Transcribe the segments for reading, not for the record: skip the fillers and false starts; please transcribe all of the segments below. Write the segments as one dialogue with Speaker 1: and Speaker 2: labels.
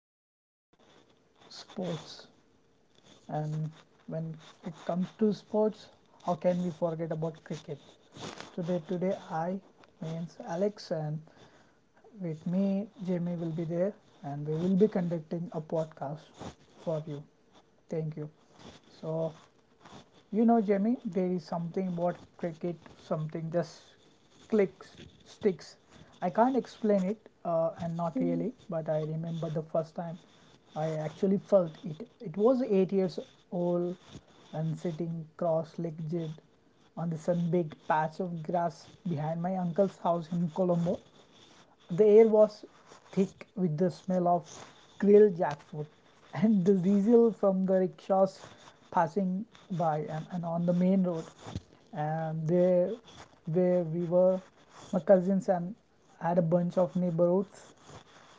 Speaker 1: to talk about sports, and when it comes to sports, how can we forget about cricket? Today I means Alex, and with me Jamie will be there, and we will be conducting a podcast for you. Thank you. So, you know, Jamie, there is something about cricket, something just clicks, sticks. I can't explain it,
Speaker 2: Mm,
Speaker 1: and not really, but I remember the first time I actually felt it. It was 8 years old and sitting cross legged on the sun baked patch of grass behind my uncle's house in Colombo. The air was thick with the smell of grilled jackfruit and the diesel from the rickshaws passing by and on the main road. And there, where we were, my cousins and had a bunch of neighborhoods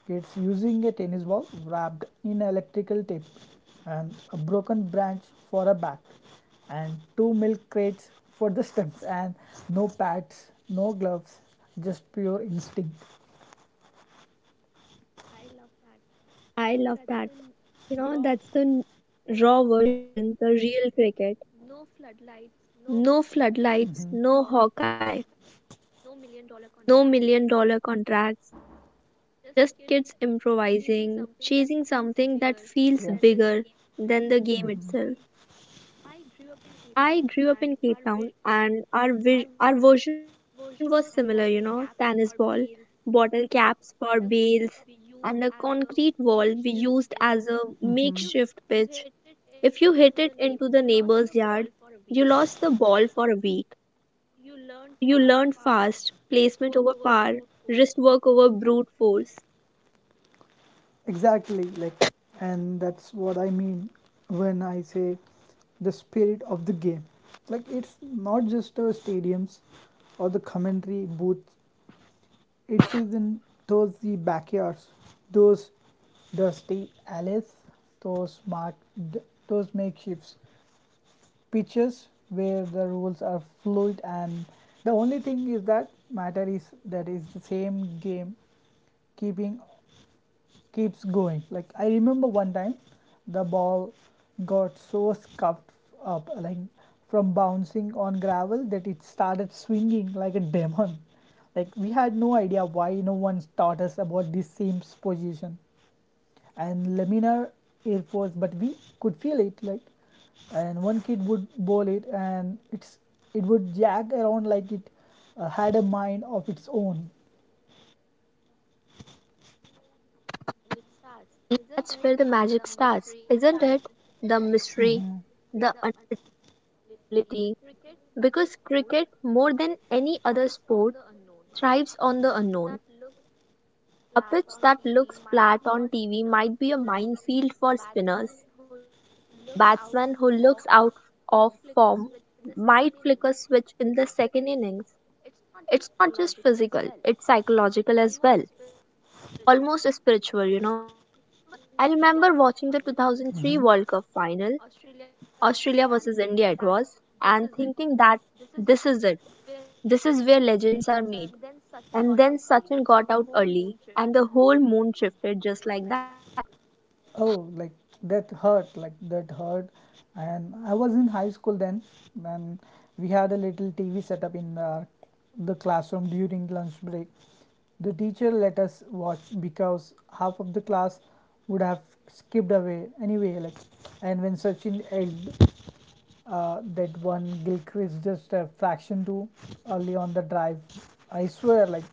Speaker 1: kids using a tennis ball wrapped in electrical tape and a broken branch for a bat and two milk crates for the stumps and no pads, no gloves, just pure instinct.
Speaker 2: I love that. You know, that's the raw version, the real cricket. No floodlights,
Speaker 1: Mhm.
Speaker 2: no Hawkeye, no million dollar contracts, just kids improvising, chasing something that feels
Speaker 1: Yeah,
Speaker 2: bigger than the game
Speaker 1: would.
Speaker 2: itself.
Speaker 1: Mm-hmm.
Speaker 2: I grew up in Cape Town and our version was similar, you know, tennis ball, bottle caps for bails, and a concrete wall we used as a
Speaker 1: If
Speaker 2: makeshift pitch. If you hit it into the neighbor's yard, you lost the ball for a week. You learned fast, placement over power, wrist work over brute force.
Speaker 1: exactly like, and that's what I mean when I say the spirit of the game, like it's not just the stadiums or the commentary booths, it's in those the backyards, those dusty alleys, those marked, those makeshifts pitches where the rules are fluid, and the only thing is that matter is that is the same game keeping keeps going. Like I remember one time, the ball got so scuffed up, like from bouncing on gravel, that it started swinging like a demon. Like we had no idea why, no one taught us about this same position and laminar air force, but we could feel it. Like, and one kid would bowl it, and it would jag around like it had a mind of its own.
Speaker 2: That's where the magic starts, isn't it? The mystery, the unpredictability. Because cricket, more than any other sport, thrives on the unknown. A pitch that looks flat on TV might be a minefield for spinners. Batsman who looks out of form might flick a switch in the second innings. It's not just physical, it's psychological as well, almost spiritual. I remember watching the 2003
Speaker 1: Mhm.
Speaker 2: World Cup final, Australia versus India it was, and thinking that this is it. This is where legends are made. And then Sachin got out early, and the whole moon shifted just like that.
Speaker 1: Oh, like that hurt, like that hurt. And I was in high school then, and we had a little TV setup in the classroom during lunch break. The teacher let us watch because half of the class would have skipped away anyway. Like, and when Sachin egged that one Gilchrist just a fraction too early on the drive, I swear, like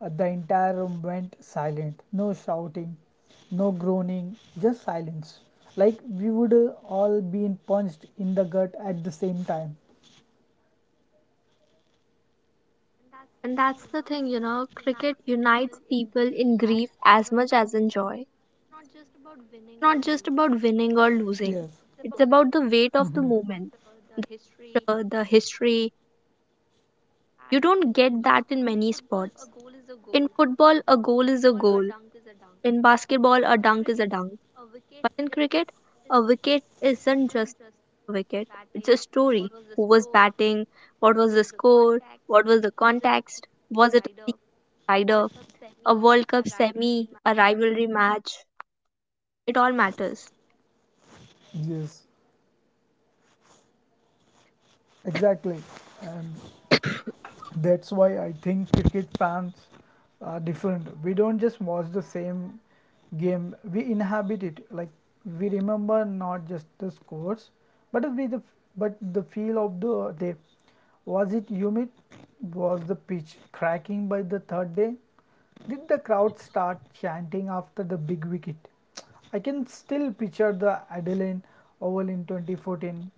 Speaker 1: uh, the entire room went silent. No shouting, no groaning, just silence. Like we would all been punched in the gut at the same time.
Speaker 2: And that's the thing, cricket unites people in grief as much as in joy. It's not just about winning or losing,
Speaker 1: Yes.
Speaker 2: it's about the weight of the
Speaker 1: Hmm.
Speaker 2: moment, the history. You don't get that in many sports. In football, a goal is a goal. In basketball, a dunk is a dunk. But in cricket, a wicket isn't just a wicket, it's a story. Who was batting? What was the score? What was the context? Was it a slider? A World Cup semi? A rivalry match? It all matters.
Speaker 1: Yes, exactly. And that's why I think cricket fans are different. We don't just watch the same game, we inhabit it. Like we remember not just the scores, but we the but the feel of the day. Was it humid? Was the pitch cracking by the third day? Did the crowd start chanting after the big wicket? I can still picture the Adelaide Oval in 2014.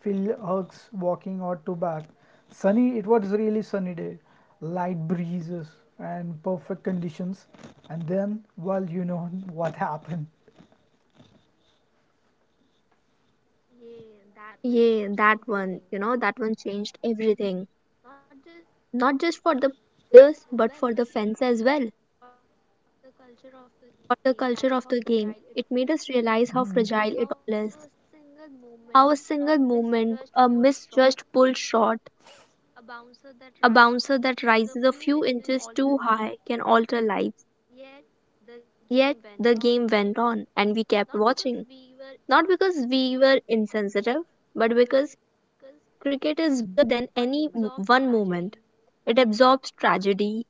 Speaker 1: Phil Hughes walking out to bat. Sunny, it was really sunny day. Light breezes and perfect conditions. And then, well, you know what happened.
Speaker 2: Yeah, that one, that one changed everything. Not just for the players, but for the fans as well. Taught the culture of the game. It made us realize how fragile it all is. How a single movement, a misjudged pull shot, a bouncer that rises a few inches too high can alter lives. Yet the game went on and we kept watching. Not because we were insensitive, but because cricket is bigger than any one moment. It absorbs tragedy,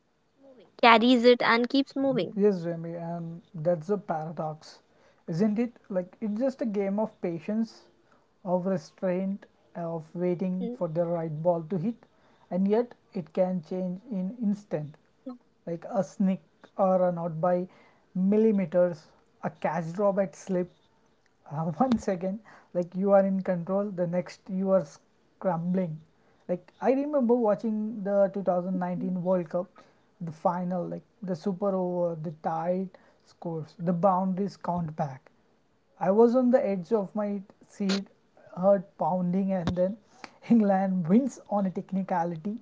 Speaker 2: carries it, and keeps moving.
Speaker 1: Yes, Jamie, and that's a paradox, isn't it? Like, it's just a game of patience, of restraint, of waiting
Speaker 2: Mm,
Speaker 1: for the right ball to hit, and yet it can change in instant,
Speaker 2: yeah.
Speaker 1: like a snick or a not by millimeters, a catch drop at slip. One second, like you are in control, the next you are scrambling. Like I remember watching the 2019
Speaker 2: Mm.
Speaker 1: World Cup, the final, like the super over, the tied scores, the boundaries count back. I was on the edge of my seat, heard pounding, and then England wins on a technicality.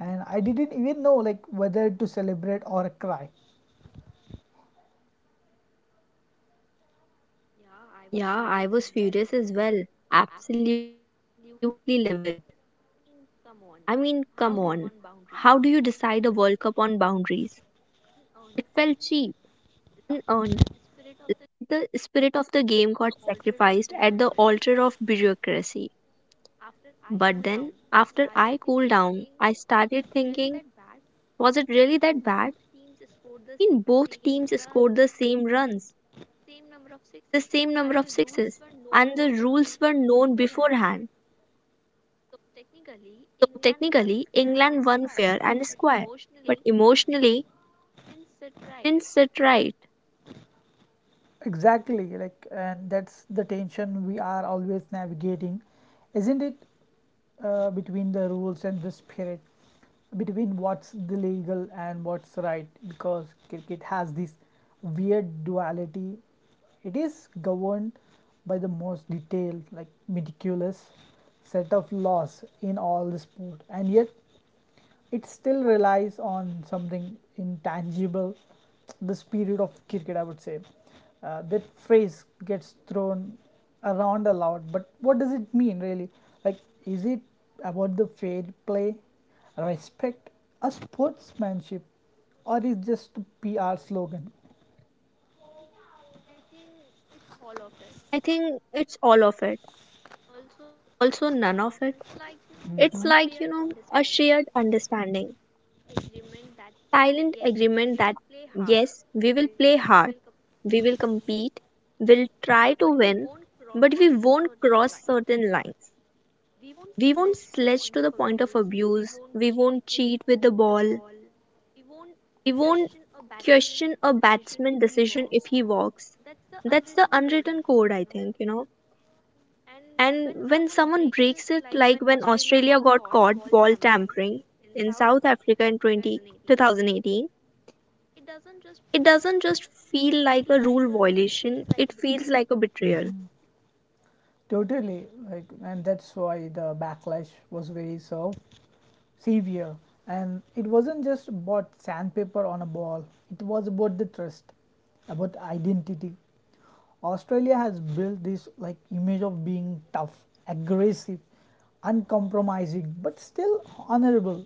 Speaker 1: And I didn't even know like whether to celebrate or cry.
Speaker 2: Yeah, I was furious as well. Absolutely livid. I mean, come on. How do you decide a World Cup on boundaries? It felt cheap, unearned. The spirit of the game got sacrificed at the altar of bureaucracy. But then, after I cooled down, I started thinking, was it really that bad? I mean, both teams scored the same runs, the same number of sixes, and the rules were known beforehand. So technically, England won fair and square, but emotionally, it didn't sit right.
Speaker 1: Exactly, like, and that's the tension we are always navigating, isn't it, between the rules and the spirit, between what's the legal and what's right, because cricket has this weird duality. It is governed by the most detailed, like meticulous set of laws in all the sport, and yet it still relies on something intangible, the spirit of cricket, I would say, that phrase gets thrown around a lot, but what does it mean really? Like, is it about the fair play, respect, a sportsmanship, or is just a PR slogan?
Speaker 2: I think it's all of it, also none of it. It's
Speaker 1: Mhm.
Speaker 2: like, you know, a shared understanding, silent agreement that yes, we will play hard, we will compete, we'll try to win, but we won't cross certain lines. We won't sledge to the point of abuse, we won't cheat with the ball, we won't question a batsman decision if he walks. That's the unwritten code, I think, and when someone breaks it, like when Australia got caught ball tampering in South Africa in twenty 2018, it doesn't just feel like a rule violation, it feels like a
Speaker 1: Mhm.
Speaker 2: betrayal.
Speaker 1: Totally, like, and that's why the backlash was very served severe, and it wasn't just about sandpaper on a ball, it was about the trust, about identity. Australia has built this like image of being tough, aggressive, uncompromising, but still honorable,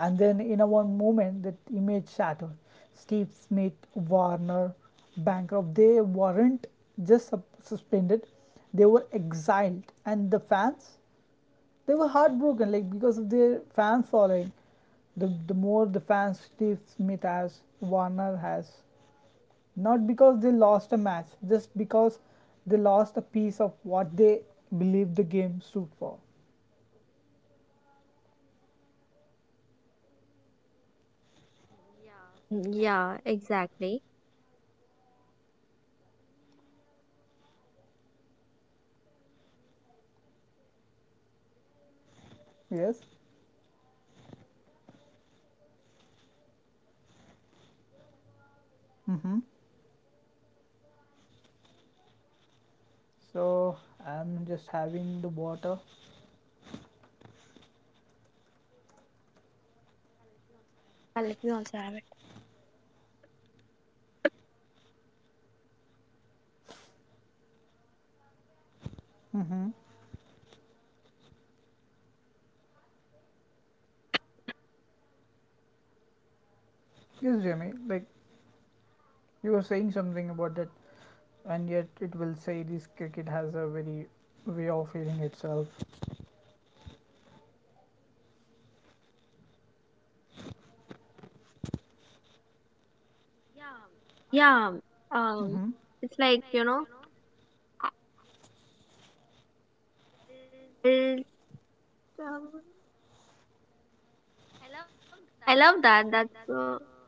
Speaker 1: and then in a one moment that image shattered. Steve Smith, Warner, bankrupt, they weren't just suspended, they were exiled, and the fans, they were heartbroken, like because of their fan following, the more the fans Steve Smith has, Warner has, not because they lost a match, just because they lost a piece of what they believe the game stood for.
Speaker 2: Mm, yeah, exactly.
Speaker 1: Yes. Mm-hmm. So I'm just having the water.
Speaker 2: Let me also have it.
Speaker 1: Mm-hmm. Yes, Jamie, like you were saying something about that, and yet it will say this, cricket has a very way of feeling itself.
Speaker 2: Yeah,
Speaker 1: Mm-hmm.
Speaker 2: um, it's like, you know, I'll, um, I love that.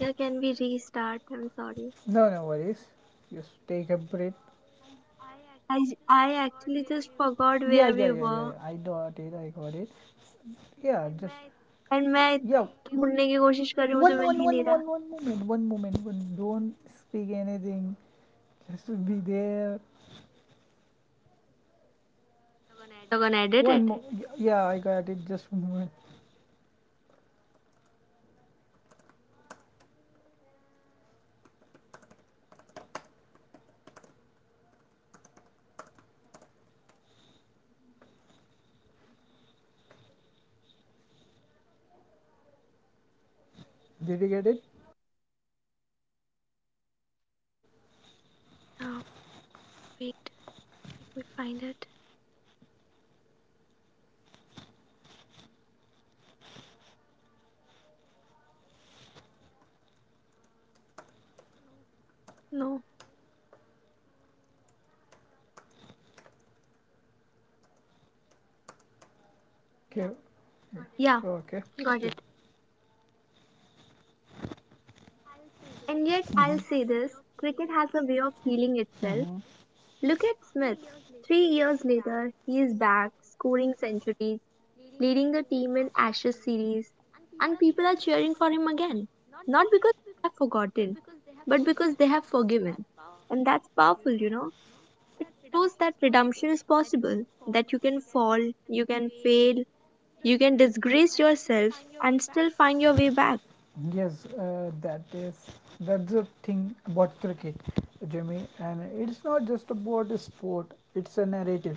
Speaker 2: Yeah, can we restart? I'm sorry.
Speaker 1: No, no worries, just take a breath.
Speaker 2: I actually just forgot
Speaker 1: Yeah, yeah,
Speaker 2: where
Speaker 1: yeah,
Speaker 2: we
Speaker 1: yeah, yeah.
Speaker 2: were.
Speaker 1: I got it. I got it. Yeah, and just
Speaker 2: And
Speaker 1: मैं yeah.
Speaker 2: मैं
Speaker 1: सीखने की कोशिश कर
Speaker 2: ढूंढने की
Speaker 1: रही हूँ, तो मेरे
Speaker 2: कोशिश
Speaker 1: One,
Speaker 2: कर रही हूँ
Speaker 1: one,
Speaker 2: मुझे
Speaker 1: one,
Speaker 2: मिल ही
Speaker 1: one,
Speaker 2: नहीं.
Speaker 1: one moment. One moment. One. Don't speak anything. Just be there.
Speaker 2: You're gonna
Speaker 1: One more.
Speaker 2: edit
Speaker 1: Okay.
Speaker 2: it?
Speaker 1: Yeah, I got it. Just one moment. Did you get it?
Speaker 2: Wait, let me find it. No.
Speaker 1: Okay. Got it.
Speaker 2: Yeah,
Speaker 1: Okay. Yeah.
Speaker 2: got it. And yet, I'll say this, cricket has a way of healing
Speaker 1: Mhm.
Speaker 2: itself. Look at Smith. 3 years later, he is back, scoring centuries, leading the team in Ashes series, and people are cheering for him again. Not because they have forgotten, but because they have forgiven. And that's powerful, you know. Shows that redemption is possible, that you can fall, you can fail, you can disgrace yourself and still find your way back.
Speaker 1: Yes, uh, that is that's the thing about cricket, Jimmy. And it's not just about a sport; it's a narrative,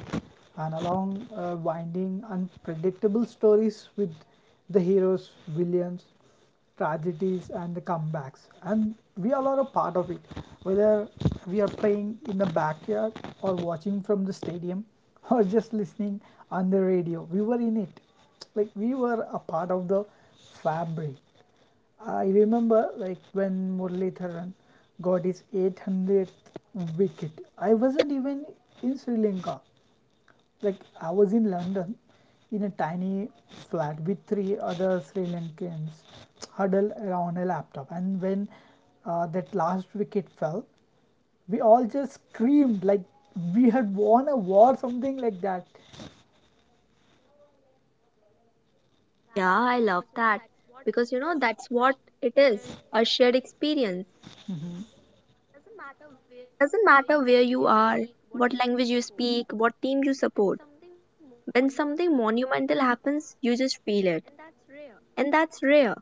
Speaker 1: and along winding, unpredictable stories with the heroes, villains, tragedies, and the comebacks. And we all are a part of it, whether we are playing in the backyard or watching from the stadium or just listening on the radio. We were in it, like we were a part of the fabric. I remember like when Murli Tharan got his 800th wicket. I wasn't even in Sri Lanka. Like I was in London in a tiny flat with three other Sri Lankans huddled around a laptop. And when that last wicket fell, we all just screamed like we had won a war, something like that.
Speaker 2: Yeah, I love that because you know that's what it is, a shared experience. Doesn't matter where you are, what language you speak, what team you support. When something monumental happens, you just feel it, and that's rare.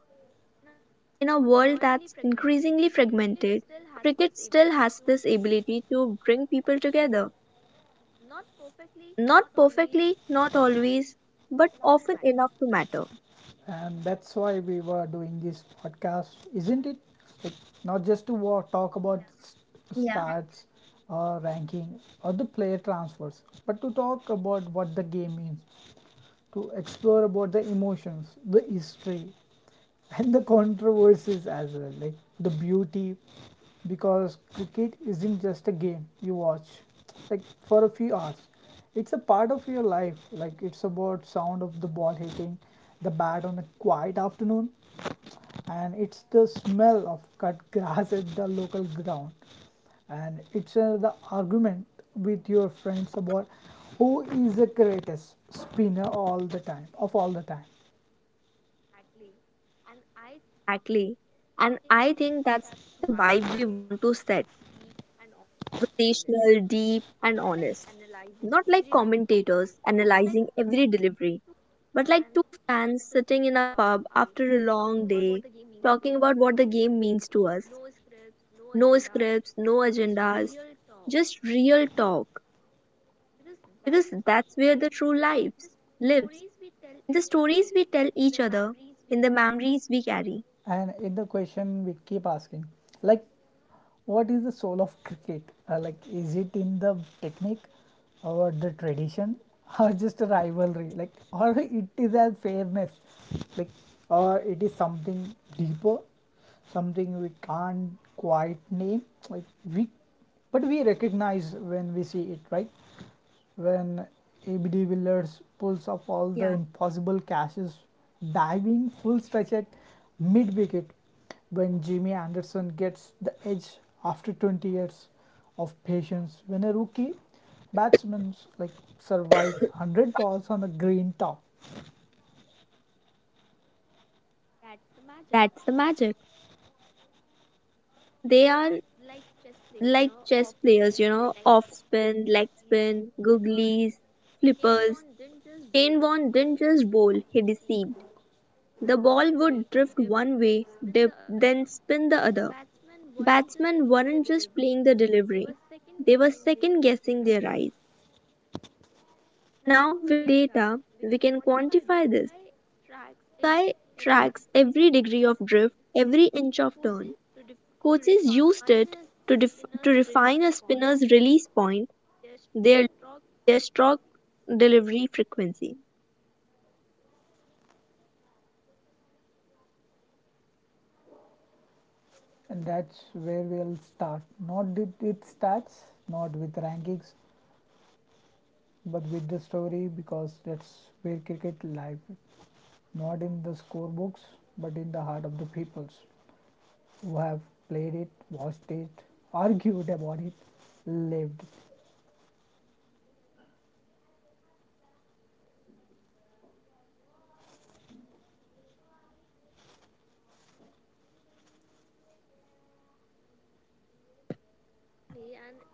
Speaker 2: In a world that's increasingly fragmented, cricket still has this ability to bring people together. Not perfectly, not always, but often enough to matter.
Speaker 1: And that's why we were doing this podcast, isn't it? Like, not just to talk about
Speaker 2: Yeah.
Speaker 1: stats or ranking or the player transfers, but to talk about what the game means, to explore about the emotions, the history, and the controversies as well, like the beauty, because cricket isn't just a game you watch, like for a few hours. It's a part of your life. Like, it's about sound of the ball hitting the bat on a quiet afternoon, and it's the smell of cut grass at the local ground, and it's the argument with your friends about who is the greatest spinner all the time
Speaker 2: Exactly. And I think that's the vibe we want to set. Conversational, deep, and honest. Not like commentators analyzing every delivery, but like two fans sitting in a pub after a long day, talking about what the game means to us. No scripts, no agendas, just real talk. Because that's where the true lives lives. In the stories we tell each other, in the memories we carry.
Speaker 1: And in the question, we keep asking, like, what is the soul of cricket? Like, is it in the technique or the tradition or just a rivalry? Like, or it is a fairness, like, or it is something deeper, something we can't quite name. Like, we, but we recognize when we see it, right? When ABD Willers
Speaker 2: Yeah.
Speaker 1: pulls up all the impossible catches, diving full stretch at mid wicket, when Jimmy Anderson gets the edge after 20 years of patience. When a rookie batsman like survives 100 balls on the green top,
Speaker 2: That's the magic. They are like chess players, you know, off spin, leg spin, googlies, flippers. Kane Vaughn didn't just bowl, he deceived. The ball would drift one way, dip, then spin the other. Batsmen weren't just playing the delivery, they were second guessing their eyes. Now, with data, we can quantify this. Sky tracks every degree of drift, every inch of turn. Coaches used it to refine a spinner's release point, their their stroke delivery frequency.
Speaker 1: and that's where we'll start. Not with stats, not with rankings, but with the story, because that's where cricket lives. Not in the scorebooks, but in the heart of the peoples who have played it, watched it, argued about it, lived it.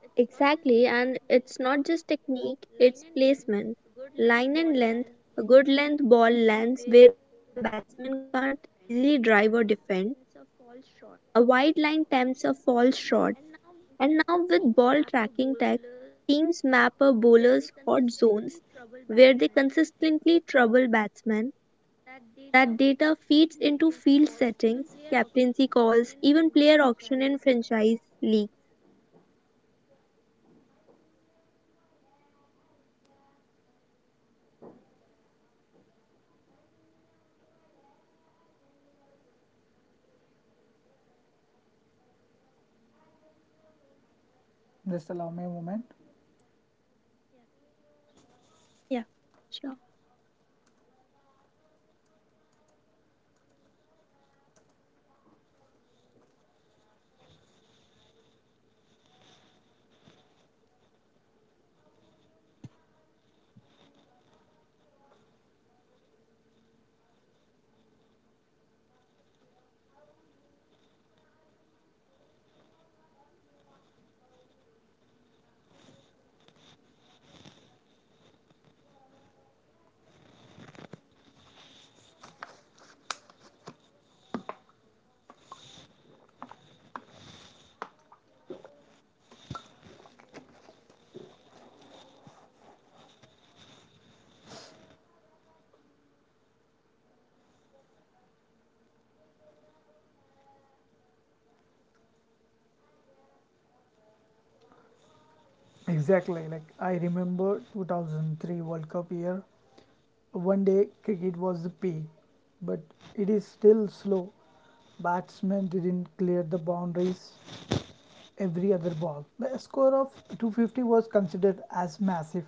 Speaker 2: Exactly, and it's not just technique, it's placement. Line and length, a good length ball lands where the batsman can't easily drive or defend. A wide line tempts a false shot. And now, with ball tracking tech, teams map a bowler's hot zones where they consistently trouble batsmen. That data feeds into field settings, captaincy calls, even player auction in franchise leagues.
Speaker 1: Just allow me a moment.
Speaker 2: Yeah, sure.
Speaker 1: Exactly. Like I remember 2003 World Cup year. One day cricket was the peak, but it is still slow. Batsmen didn't clear the boundaries every other ball. The score of 250 was considered as massive,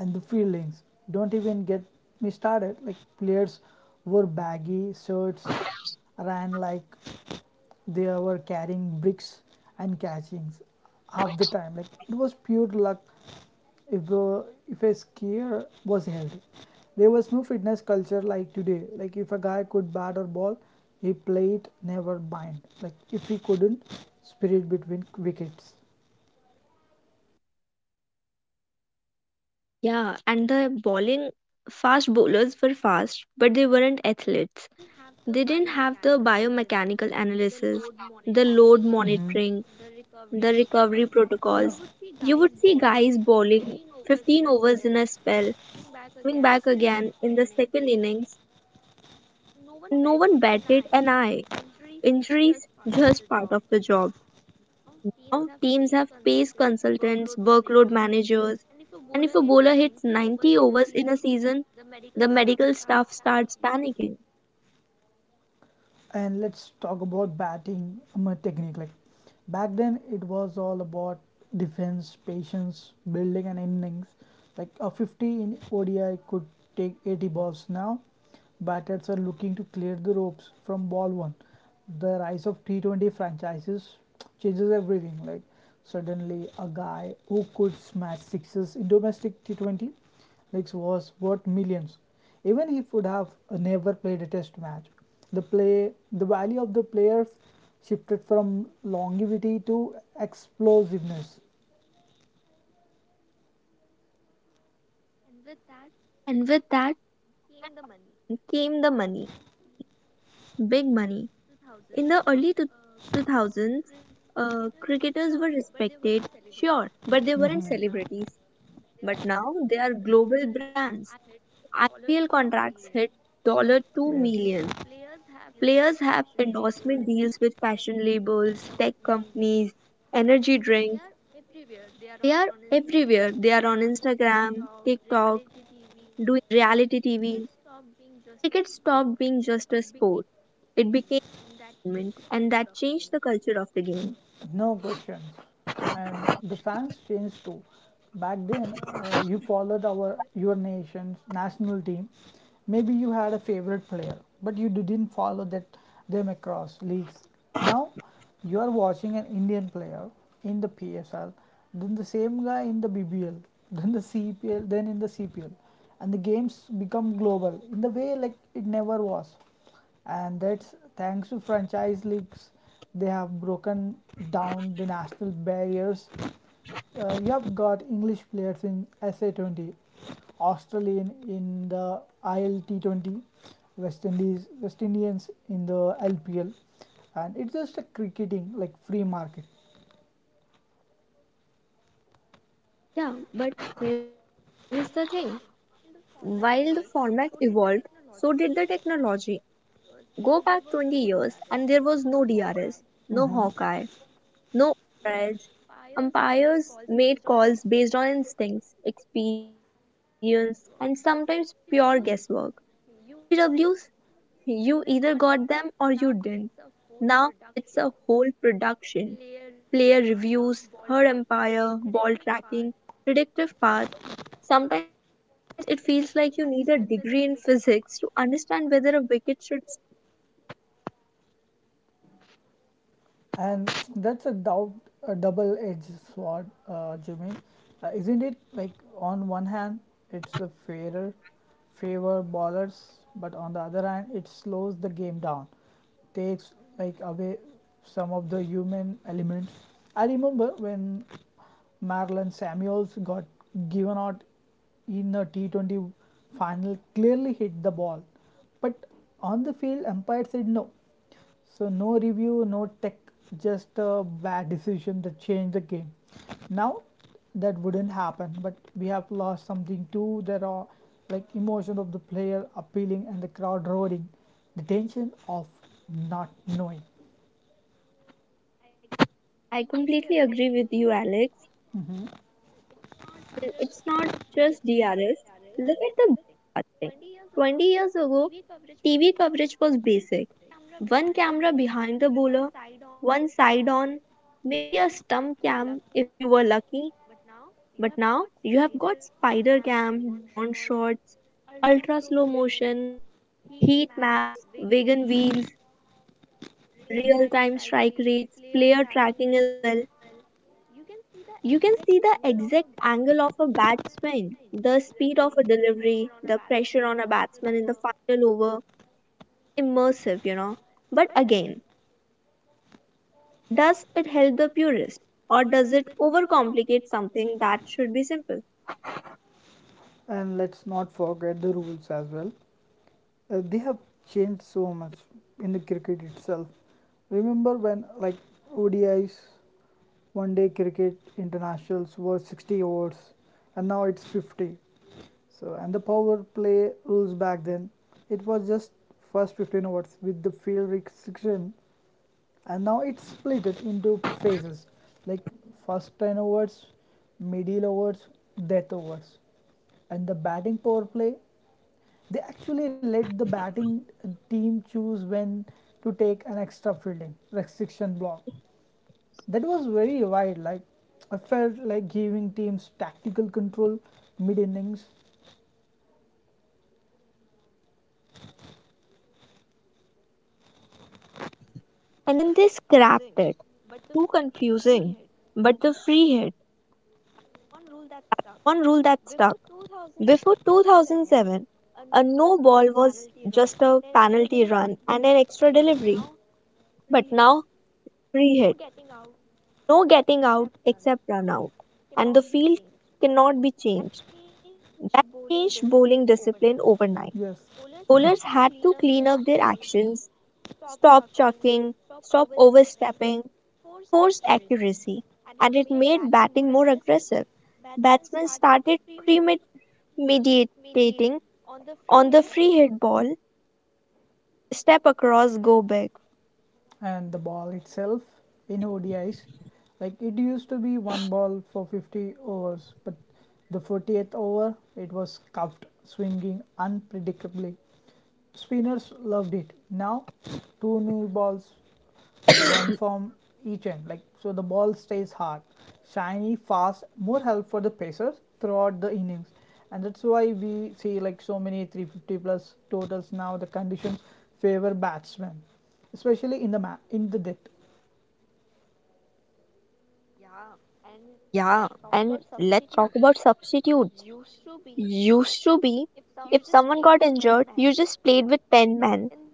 Speaker 1: and the fieldings, don't even get me started. Like players wore baggy shirts, ran like they were carrying bricks, and catchings half the time. Like it was pure luck if uh, if a skier was healthy. There was no fitness culture like today. Like if a guy could bat or ball, he played, never bind, like if he couldn't spirit between wickets.
Speaker 2: Yeah, and the bowling fast bowlers were fast, but they weren't athletes. They didn't have the biomechanical analysis, the load
Speaker 1: Hmm.
Speaker 2: monitoring, the recovery protocols.
Speaker 1: Yeah,
Speaker 2: You would see guys bowling 15 overs in a spell, coming back again in the second innings, and no one batted an eye. Injuries, just part of the job. Now, teams have pace consultants, workload managers, and if a bowler hits 90 overs in a season, the medical staff starts panicking.
Speaker 1: and let's talk about batting technique. Like back then it was all about defense, patience, building an innings, like a 50 in odi could take 80 balls. Now batters are looking to clear the ropes from ball one. The rise of T20 franchises changes everything, like suddenly a guy who could smash sixes in domestic T20, which was worth millions, even he would have never played a test match. The play, the value of the player shifted from longevity to explosiveness.
Speaker 2: And with that came the money, big money. In the early 2000s, cricketers were respected, sure, but they weren't
Speaker 1: Mhm.
Speaker 2: celebrities. But now they are global brands. IPL contracts hit $2 million
Speaker 1: Yes,
Speaker 2: dollars. Players have endorsement deals with fashion labels, tech companies, energy drinks. They are everywhere. They are on Instagram, TikTok, doing reality TV. Cricket stopped being just a sport. It became a movement, and that changed the culture of the game.
Speaker 1: no questions. And the fans changed too. Back then, you followed our your nation's national team. Maybe you had a favorite player, but you didn't follow that them across leagues. Now, you are watching an Indian player in the PSL, then the same guy in the BBL, then in the CPL, and the games become global in the way like it never was, and that's thanks to franchise leagues. They have broken down the national barriers. You have got English players in SA20, Australian in the ILT20, West Indians in the lpl, and it's just a cricketing, like, free market.
Speaker 2: Yeah, but here is the thing. While the format evolved, so did the technology. Go back 20 years, and there was no DRS, no
Speaker 1: Hmm.
Speaker 2: Hawkeye, no edge. Umpires made calls based on instincts, experience, and sometimes pure guesswork. PWs, you either got them or you didn't. Now it's a whole production. Player reviews, Third Empire, ball tracking, predictive path. Sometimes it feels like you need a degree in physics to understand whether a wicket should.
Speaker 1: And that's a double-edged sword, Jimmy. Isn't it? Like, on one hand, it's a fairer, favor ballers, but on the other hand, it slows the game down, takes, like, away some of the human element. I remember when Marilyn Samuels got given out in the T20 final, clearly hit the ball, but on the field, umpire said no. So no review, no tech, just a bad decision that changed the game. Now that wouldn't happen, but we have lost something too. There are, like, emotion of the player appealing and the crowd roaring, the tension of not knowing.
Speaker 2: I completely agree with you, Alex.
Speaker 1: Mhm.
Speaker 2: And it's not just DRS. Look at the ball thing. 20 years ago, TV coverage was basic. One camera behind the bowler, one side on, maybe a stump cam if you were lucky. But now you have got spider cam, drone shots, ultra slow motion, heat maps, vegan wheels, real time strike rates, player tracking as well. You can see the exact angle of a bat swing, the speed of a delivery, the pressure on a batsman in the final over. Immersive, you know. But again, does it help the purist or does it overcomplicate something that should be simple?
Speaker 1: And let's not forget the rules as well. They have changed so much in the cricket itself. Remember when, like, ODIs, one day cricket internationals were 60 overs, and now it's 50. So, and the power play rules back then, it was just first 15 overs with the field restriction, and now it's split it into phases, like first 10 overs, middle overs, death overs, and the batting power play. They actually let the batting team choose when to take an extra fielding restriction block. That was very wild. Like, I felt like giving teams tactical control mid innings.
Speaker 2: And then they scrapped it, too confusing. But the free hit, one rule that stuck. Before 2007, a no ball was penalty run and an extra delivery. But now, free hit, no getting out except run out. And the field cannot be changed. That changed bowling discipline overnight.
Speaker 1: Yes,
Speaker 2: Bowlers had to clean up their actions, stop chucking, stop overstepping, forced accuracy, and it made batting more aggressive. Batsmen started premeditating on the free hit ball, step across, go big.
Speaker 1: and the ball itself in ODIs, like, it used to be one ball for 50 overs, but the 48th over it was scuffed, swinging unpredictably. Spinners loved it. Now, two new balls, one from each end, like, so the ball stays hard, shiny, fast, more help for the pacers throughout the innings. And that's why we see, like, so many 350 plus totals now. The conditions favor batsmen, especially in the depth.
Speaker 2: Yeah, and let's talk about substitutes. Used to be, if someone got injured, you just played with 10 men.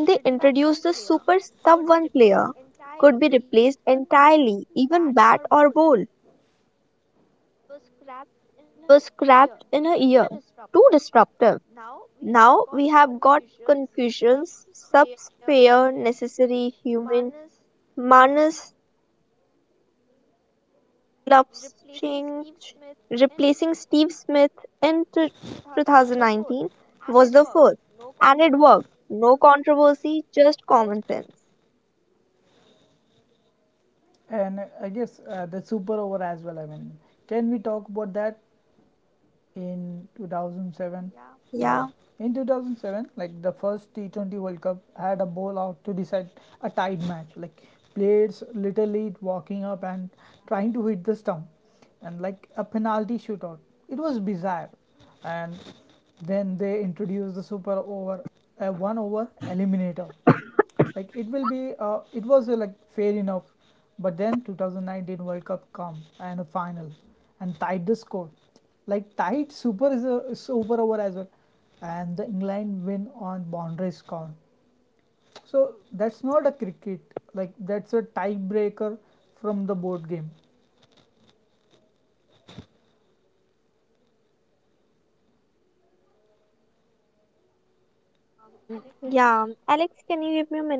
Speaker 2: Then they introduced the super sub one player, be replaced entirely, even bat or bowl, was scrapped in a year. Too disruptive. Now we have got Confucian's subsphere necessary human, Manas Clutching, replacing Steve Smith in 2019 was the first, and it worked. No controversy, just common sense.
Speaker 1: And I guess, the super over as well. I mean, can we talk about that in 2007? Yeah.
Speaker 2: Yeah,
Speaker 1: Yeah. In 2007, like, the first T20 World Cup had a bowl out to decide a tied match. Like, players literally walking up and trying to hit the stump, and like a penalty shootout. It was bizarre. And then they introduced the super over, a one over eliminator. Like it was, like, fair enough, but then 2019 World Cup come, and a final, and tied the score, like, tied super is a super over as well, and the England win on boundary score. So that's not a cricket, like, that's a tiebreaker from the board game.
Speaker 2: yeah. Alex, can you give me a minute, please?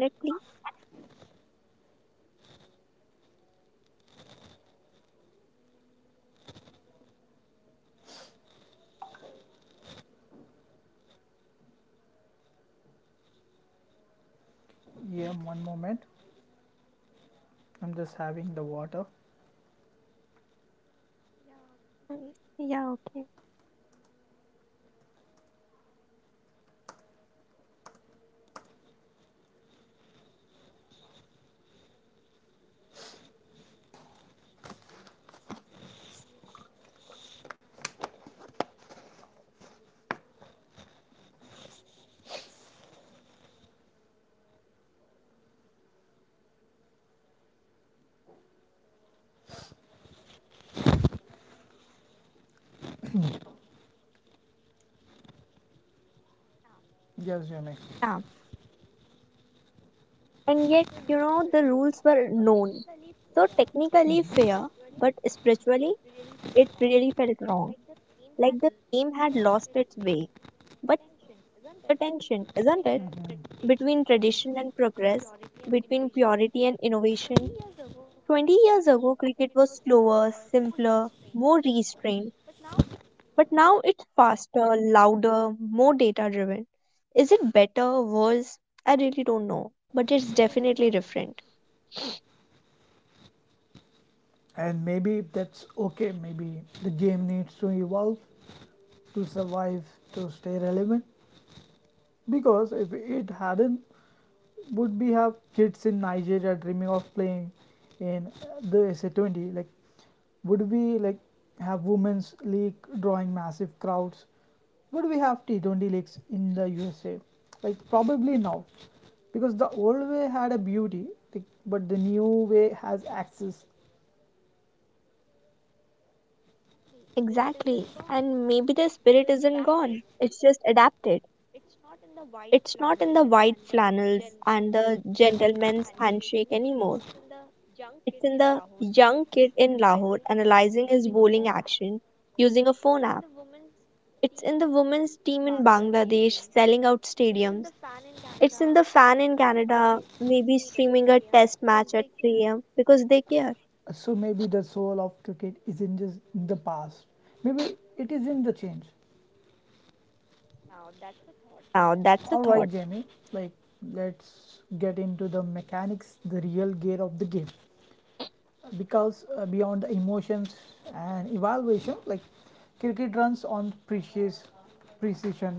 Speaker 1: Yeah, one moment. I'm just having the water.
Speaker 2: Mm, yeah, okay.
Speaker 1: Yes, Jimmy.
Speaker 2: Yeah. And yet, you know, the rules were known. So technically fair, but spiritually, it really felt wrong, like the name lost its way. But the tension, isn't it? Between tradition and progress, between purity and innovation. 20 years ago, cricket was slower, simpler, more restrained, but now it's faster, louder, more data driven. Is it better, worse? I really don't know, but it's definitely different.
Speaker 1: And maybe that's okay. Maybe the game needs to evolve, to survive, to stay relevant. Because if it hadn't, would we have kids in Nigeria dreaming of playing in the SA20? Like, would we, like, have women's league drawing massive crowds? Would we have T20 leagues in the USA? Like, probably not. Because the old way had a beauty, like, but the new way has access.
Speaker 2: Exactly. And maybe the spirit isn't gone, it's just adapted. It's not in the white flannels and the gentleman's handshake anymore. It's in the young kid in Lahore analyzing his bowling action using a phone app. It's in the team in Bangladesh selling out stadiums. It's in the fan in Canada maybe streaming a test match at 3 a.m. because they care.
Speaker 1: So maybe the soul of cricket isn't just in the past. Maybe it is in the change.
Speaker 2: Now
Speaker 1: All
Speaker 2: that's a
Speaker 1: right,
Speaker 2: thought,
Speaker 1: Jamie. Like, let's get into the mechanics, the real gear of the game. Because beyond the emotions and evaluation, like, cricket runs on precious precision.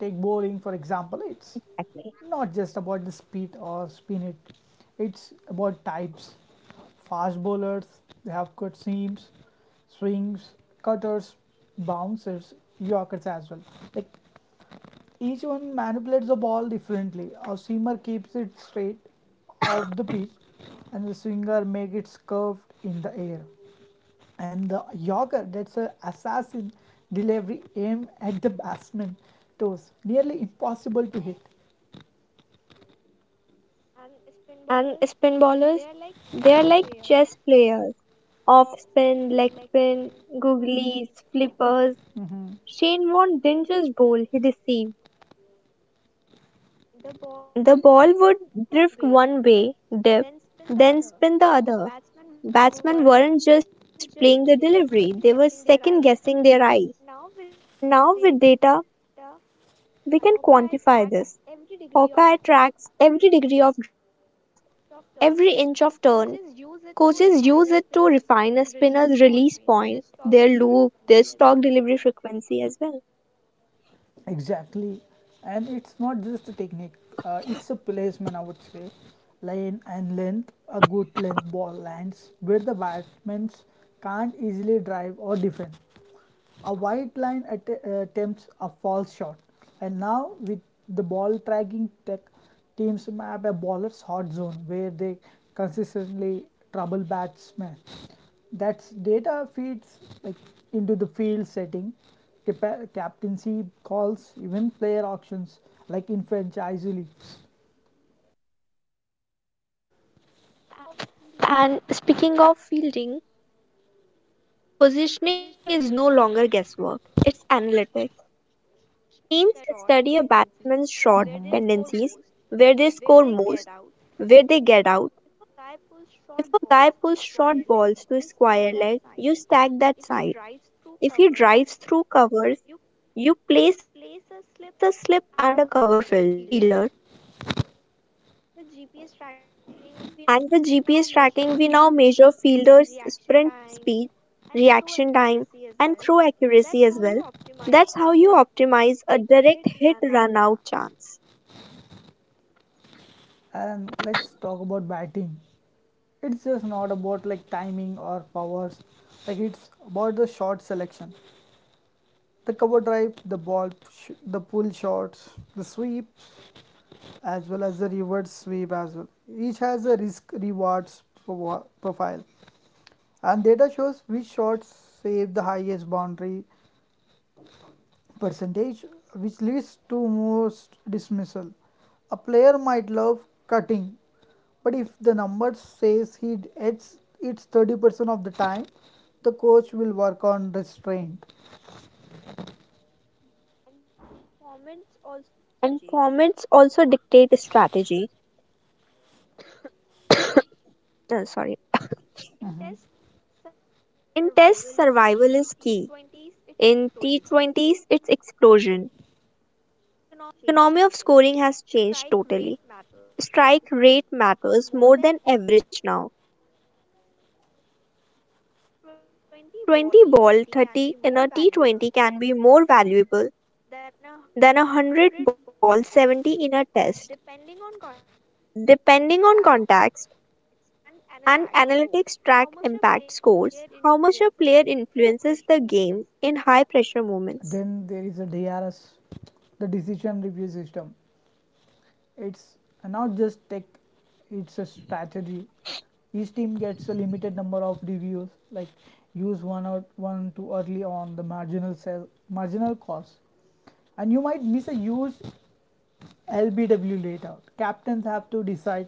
Speaker 1: Take bowling for example. It's
Speaker 2: actually.
Speaker 1: not just about the speed or spin it. It's about types. Fast bowlers, they have cut seams, swings, cutters, bouncers, Yorkers as well. Like, each one manipulates the ball differently. A seamer keeps it straight off the pitch, and the swinger makes it curved in the air. And the Yorker, that's a assassin delivery aim at the batsman toes. Nearly impossible to hit.
Speaker 2: And spin bowlers, they are like chess players. Off spin, leg spin, googlies, flippers.
Speaker 1: Mm-hmm.
Speaker 2: Shane Warne didn't just bowl, he deceived. The ball would drift one way, dip, then spin the other. Batsmen weren't just playing the delivery, they were second guessing their eyes. Now, with data, we can quantify this. Hawkeye tracks every degree of drift, every inch of turn. Coaches use it to refine a spinner's release point, their loop, their stock delivery frequency as well.
Speaker 1: Exactly. And it's not just a technique, it's a placement, I would say. Line and length, a good length ball lands where the batsmen can't easily drive or defend. A wide line attempts a false shot, and now with the ball tracking tech, teams map a bowler's hot zone where they consistently trouble batsmen. That's data feeds, like, into the field setting, captaincy calls, even player auctions, like, in franchise leagues.
Speaker 2: And speaking of fielding, positioning is no longer guesswork, it's analytics. Teams study a batsman's short tendencies, where they score most, where they get out. If a guy pulls short balls to square leg, you stack that side. If he drives through covers, you place a slip and a cover fielder. And with GPS tracking, we now measure fielders' sprint speed, reaction and throw accuracy as well. That's how you optimize a direct hit run out chance.
Speaker 1: And let's talk about batting. It's just not about like timing or powers. Like, it's about the shot selection. The cover drive, the pull shots, the sweeps, as well as the reverse sweep as well. Each has a risk rewards profile, and data shows which shots save the highest boundary percentage, which leads to most dismissal. A player might love cutting, but if the number says he hits it 30% of the time, the coach will work on restraint.
Speaker 2: And formats also dictate strategy. No, sorry. In tests, survival is key. In T20s, it's explosion. Economy of scoring has changed totally. Strike rate matters more than average now. 20 ball 30 in a T20 can be more valuable than a 100 ball 70 in a test. Depending on context, and analytics track impact scores, how much a player influences the game in high pressure moments.
Speaker 1: Then there is a DRS, the decision review system. It's not just tech, it's a strategy. Each team gets a limited number of reviews, like use one too early on the marginal cost, and you might miss a huge LBW later. Captains have to decide,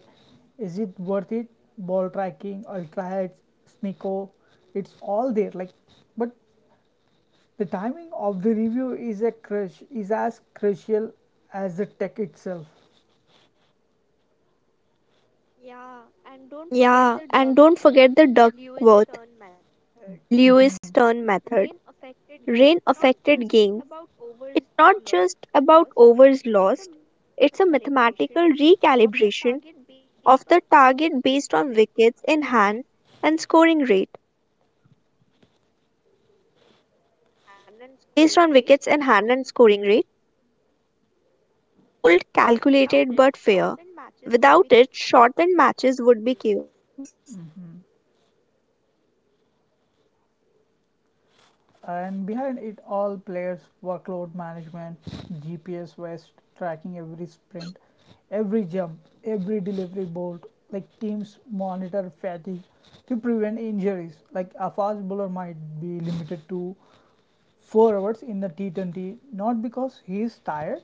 Speaker 1: is it worth it? Ball tracking, ultra heads, sneako, it's all there. Like, but the timing of the review is a crush is as crucial as the tech itself.
Speaker 2: Yeah, and don't forget the Duckworth Lewis
Speaker 1: Mhm,
Speaker 2: Lewiston method. Rain affected games. It's not just about overs lost, it's a mathematical recalibration of the target based on wickets in hand and scoring rate. Based on wickets in hand and scoring rate, cold, calculated but fair. Without it, shortened matches would be chaos.
Speaker 1: mhm. And behind it all, players workload management, GPS West tracking every sprint, every jump, every delivery bolt, like, teams monitor fatigue to prevent injuries. Like, a fast bowler might be limited to 4 hours in the T20 not because he is tired,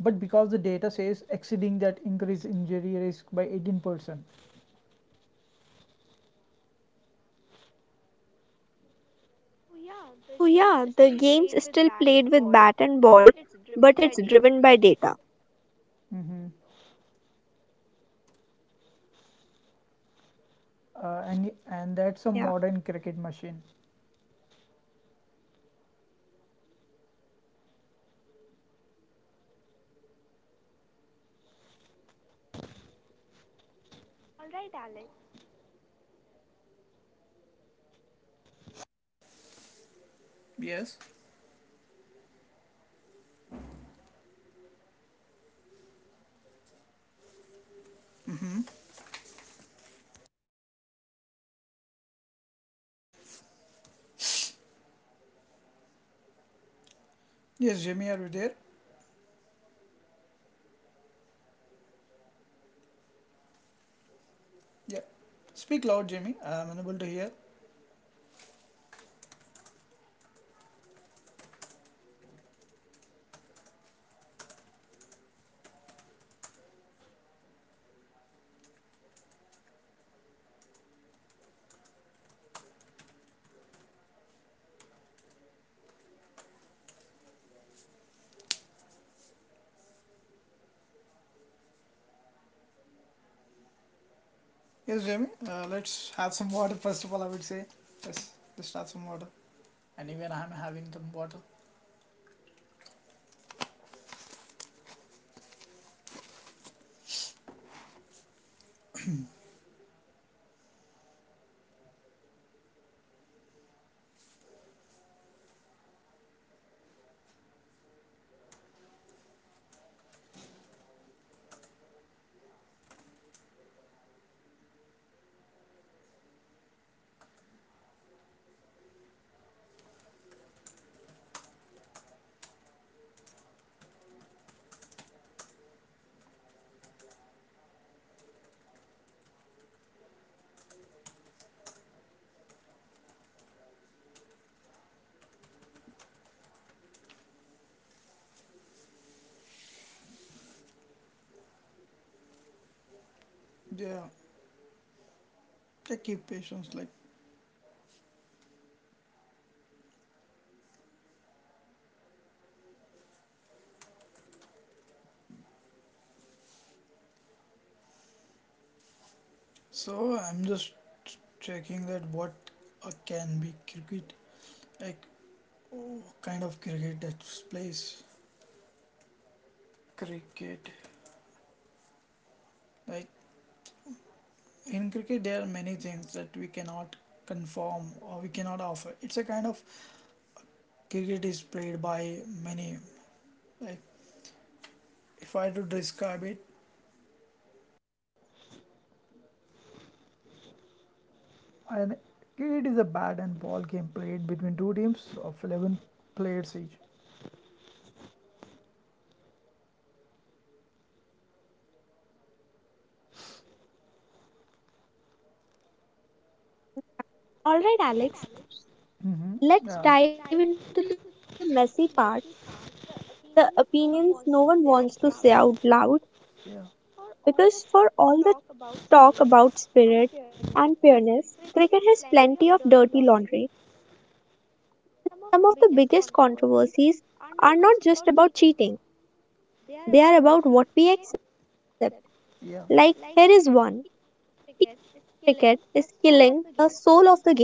Speaker 1: but because the data says exceeding that increased injury risk by 18%.
Speaker 2: So, yeah, the game's still played with bat and ball, but it's driven by data.
Speaker 1: Mhm. And that's a
Speaker 2: Yeah.
Speaker 1: modern cricket machine.
Speaker 2: All right, Alex, let's dive into the messy part. The opinions no one
Speaker 1: Yes.
Speaker 2: wants to say out loud, because for all the talk about spirit and fairness, cricket has plenty of dirty
Speaker 1: Mm-hmm.
Speaker 2: laundry. And some of the biggest controversies are not just about cheating, they are about what we accept. Like, here is one: T20
Speaker 1: Yes,
Speaker 2: cricket
Speaker 1: Jamie, are
Speaker 2: is
Speaker 1: you there?
Speaker 2: killing the soul of the game. I know it's popular, I know it brings in money, but are we
Speaker 1: Yeah.
Speaker 2: sacrificing depth of
Speaker 1: Speak loud,
Speaker 2: entertainment?
Speaker 1: Jamie. I'm unable to hear. Yes, Jamie. Let's have some water first of all, I would say.
Speaker 2: Hello, am I
Speaker 1: Yes.
Speaker 2: audible?
Speaker 1: Let's have some water. And even I'm having some water.
Speaker 2: Hello, hello, Alex.
Speaker 1: Yeah. Yeah, keep patience. Like, so, I'm just checking that what, can be cricket, like, oh, kind of cricket that plays cricket, like, in cricket there are many things that we cannot conform or we cannot offer, it's a kind of, cricket is played by many, like, if I had to describe it, and cricket is a bat and ball game played between two teams of 11 players each.
Speaker 2: Alright, Alex,
Speaker 1: Mm-hmm. Yeah.
Speaker 2: let's dive into the messy part, the opinions no one wants to say out loud.
Speaker 1: Yeah.
Speaker 2: Because for all the talk about spirit and fairness, cricket has plenty of dirty laundry. Some of the biggest controversies are not just about cheating, they are about what we accept. Like,
Speaker 1: Yeah,
Speaker 2: here is one: cricket is killing the soul of the game.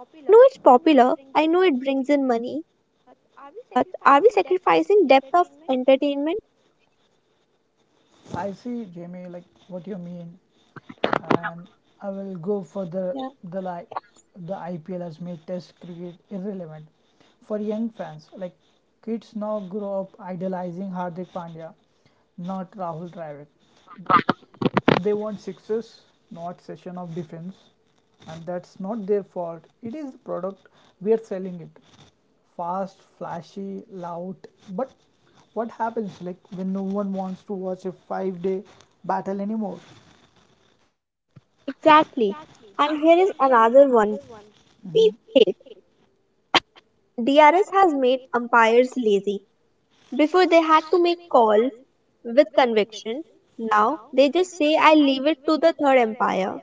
Speaker 2: I know it's popular, I know it brings in money, but are we sacrificing depth of entertainment?
Speaker 1: I see, Jamie, like what you mean. And I will go for the
Speaker 2: Yeah.
Speaker 1: the like, the IPL has made Test cricket irrelevant for young fans. Like, kids now grow up idolizing Hardik Pandya, not Rahul Dravid. They want sixes, not session of defense, and that's not their fault. It is the product we are selling it. Fast, flashy, loud, but what happens, like, when no one wants to watch a 5-day battle anymore?
Speaker 2: Exactly. And here is another one.
Speaker 1: Mhm.
Speaker 2: Peep tape. DRS has made umpires. Before they had to make calls with conviction. Now they just say I leave it to the third umpire.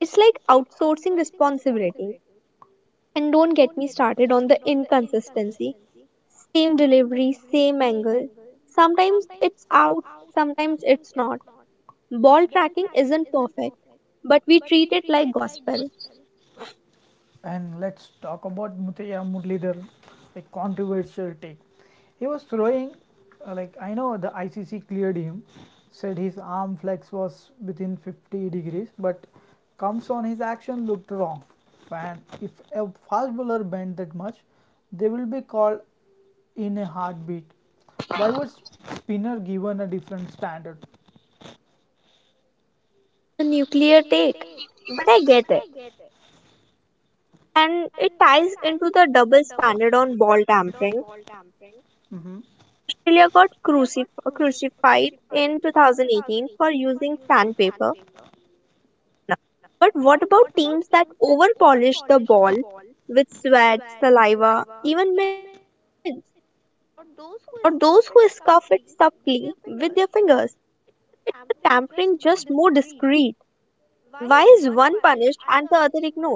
Speaker 2: It's like outsourcing responsibility. And don't get me started on the inconsistency. Same delivery, same angle. Sometimes it's out, sometimes it's not. Ball tracking isn't perfect, but we treat it like gospel.
Speaker 1: And let's talk about Muthiya Muralidhar, a controversial take. He was throwing, like, I know the ICC cleared him, said his arm flex was within 50 degrees, but comes on, his action looked wrong. And if a fast bowler bent that much, they will be called in a heartbeat. Why was spinner given a different standard?
Speaker 2: A nuclear take. But I get it. And it ties into the double standard on ball tampering.
Speaker 1: Mm-hmm.
Speaker 2: Australia got crucified in 2018 for using sandpaper. But what about teams that overpolish the ball with sweat, saliva, even mints, or those who scuff it subtly with their fingers? The tampering just more discreet. Why is one punished and the other ignored?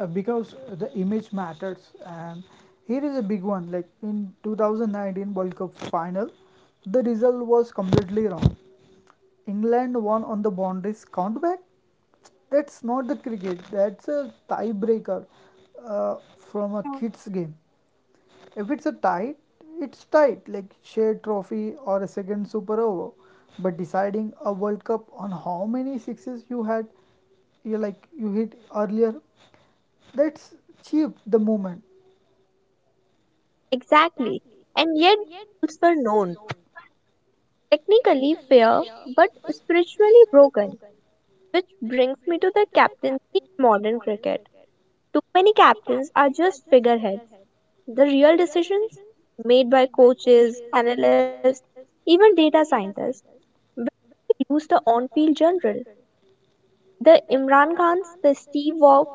Speaker 1: Because the image matters. And here is a big one, like in 2019 World Cup final, the result was completely wrong. England won on the boundaries countback. That's not the cricket, that's a tiebreaker uh, from a kids game. If it's a tie, it's tight, like, share trophy or a second super over. But deciding a World Cup on how many sixes you had, you, like, you hit earlier, that's cheap the moment.
Speaker 2: Exactly. And yet, rules were known. Technically fair but spiritually broken. Which brings me to the captaincy in modern cricket. Too many captains are just figureheads. The real decisions made by coaches, analysts, even data scientists when we lose the on-field general. The Imran Khans, the Steve Waugh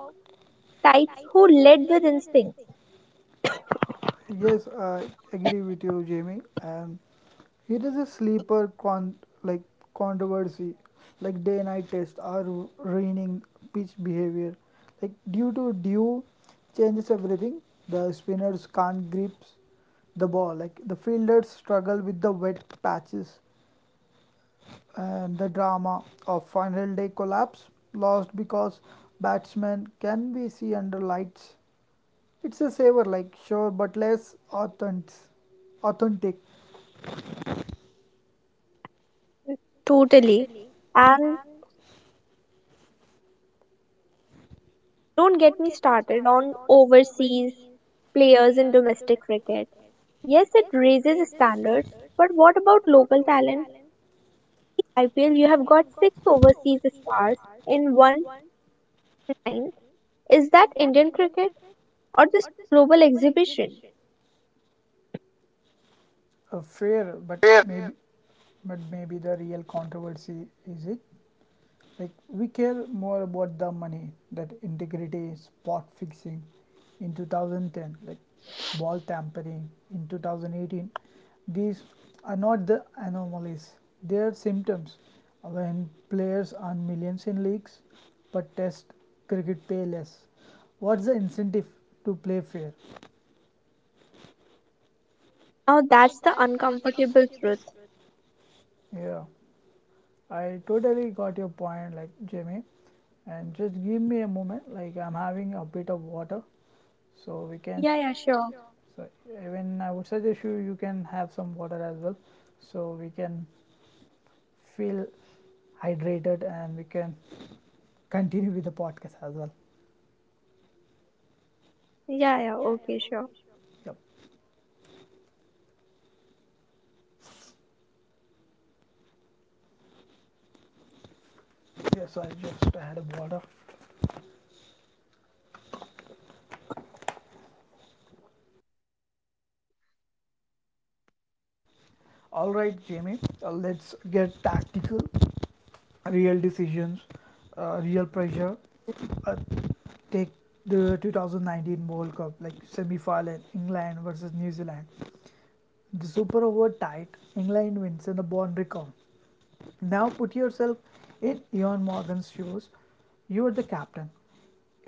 Speaker 2: types who led with instincts.
Speaker 1: Yes, I agree with you, Jamie. And it is a sleeper con like, controversy. Like, day and night tests are ruining pitch behavior. Like, due to dew changes everything. The spinners can't grip the ball. Like, the fielders struggle with the wet patches, and the drama of final day collapse lost because batsmen can be seen under lights. It's a savor, like, sure, but less authentic. Authentic,
Speaker 2: Totally. And don't get me started on overseas players in domestic cricket. Yes, it raises standards, but what about local talent? IPL, you have got six overseas stars in one line. Is that Indian cricket or just global exhibition?
Speaker 1: fair, but maybe, but maybe, the real controversy is it, like, we care more about the money that integrity. Spot fixing in 2010, like ball tampering in 2018, these are not the anomalies, they are symptoms. When players earn millions in leagues but test cricket pay less, what's the incentive to play fair?
Speaker 2: Now that's the uncomfortable truth.
Speaker 1: Yeah, I totally got your point, like, Jamie. And just give me a moment, like, I'm having a bit of water so we can.
Speaker 2: Yeah, yeah, sure.
Speaker 1: So even I would suggest you can have some water as well, so we can feel hydrated and we can continue with the podcast as well.
Speaker 2: Yeah, yeah, okay, sure.
Speaker 1: Yep. Yes, I just had water. All right, Jamie. Let's get tactical, real decisions, real pressure. uh, Take the 2019 World Cup, like, semi-final, England versus New Zealand, the super over, tight, England wins in the bond recount. Now put yourself in Ian Morgan's shoes. You are the captain.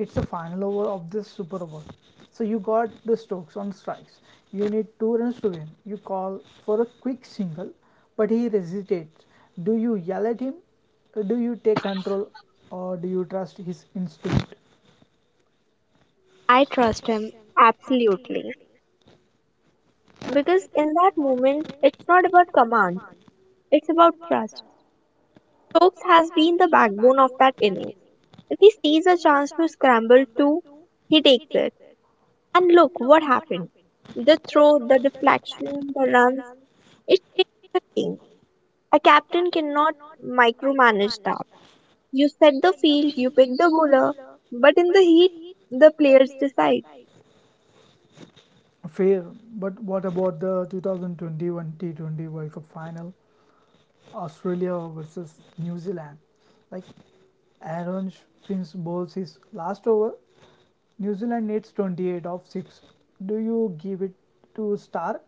Speaker 1: It's the final over of this Super Over. So you got the stokes on strikes. You need two runs to win. You call for a quick single, but he hesitates. Do you yell at him? Do you take control or do you trust his instinct?
Speaker 2: I trust him absolutely. Because in that moment, it's not about command, it's about trust. Stokes has been the backbone of that innings. If he sees a chance to scramble too, he takes it. And look what happened. The throw, the deflection, the runs, it changed the game. A captain cannot micromanage that. You set the field, you pick the bowler, but in the heat, the players decide.
Speaker 1: Fair, but what about the 2021 T20 World Cup final? Australia versus New Zealand. Like Aaron Finch bowls his last over. New Zealand needs 28 off 6. Do you give it to Stark?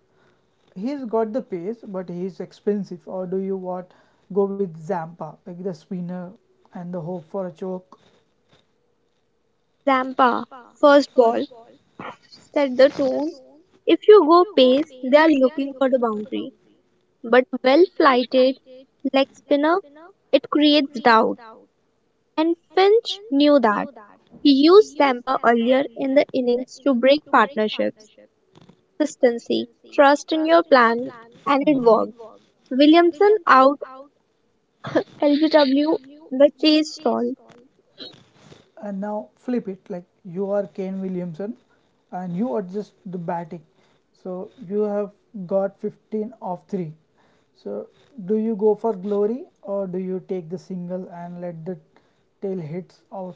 Speaker 1: He's got the pace, but he's expensive. Or do you what go with Zampa, like the spinner, and the hope for a choke?
Speaker 2: Zampa, first ball, set the tone. If you go pace, they are looking for the boundary. But well flighted leg spinner, it creates doubt. And Finch knew that. He used Zampa earlier in the innings to break partnerships, consistency, trust in your plan, and it
Speaker 1: Mhm.
Speaker 2: worked. Williamson out, LBW, the chase stalled.
Speaker 1: And now flip it, like you are Kane Williamson and you adjust the batting. So you have got 15 off 3. So do you go for glory or do you take the single and let the tail hits out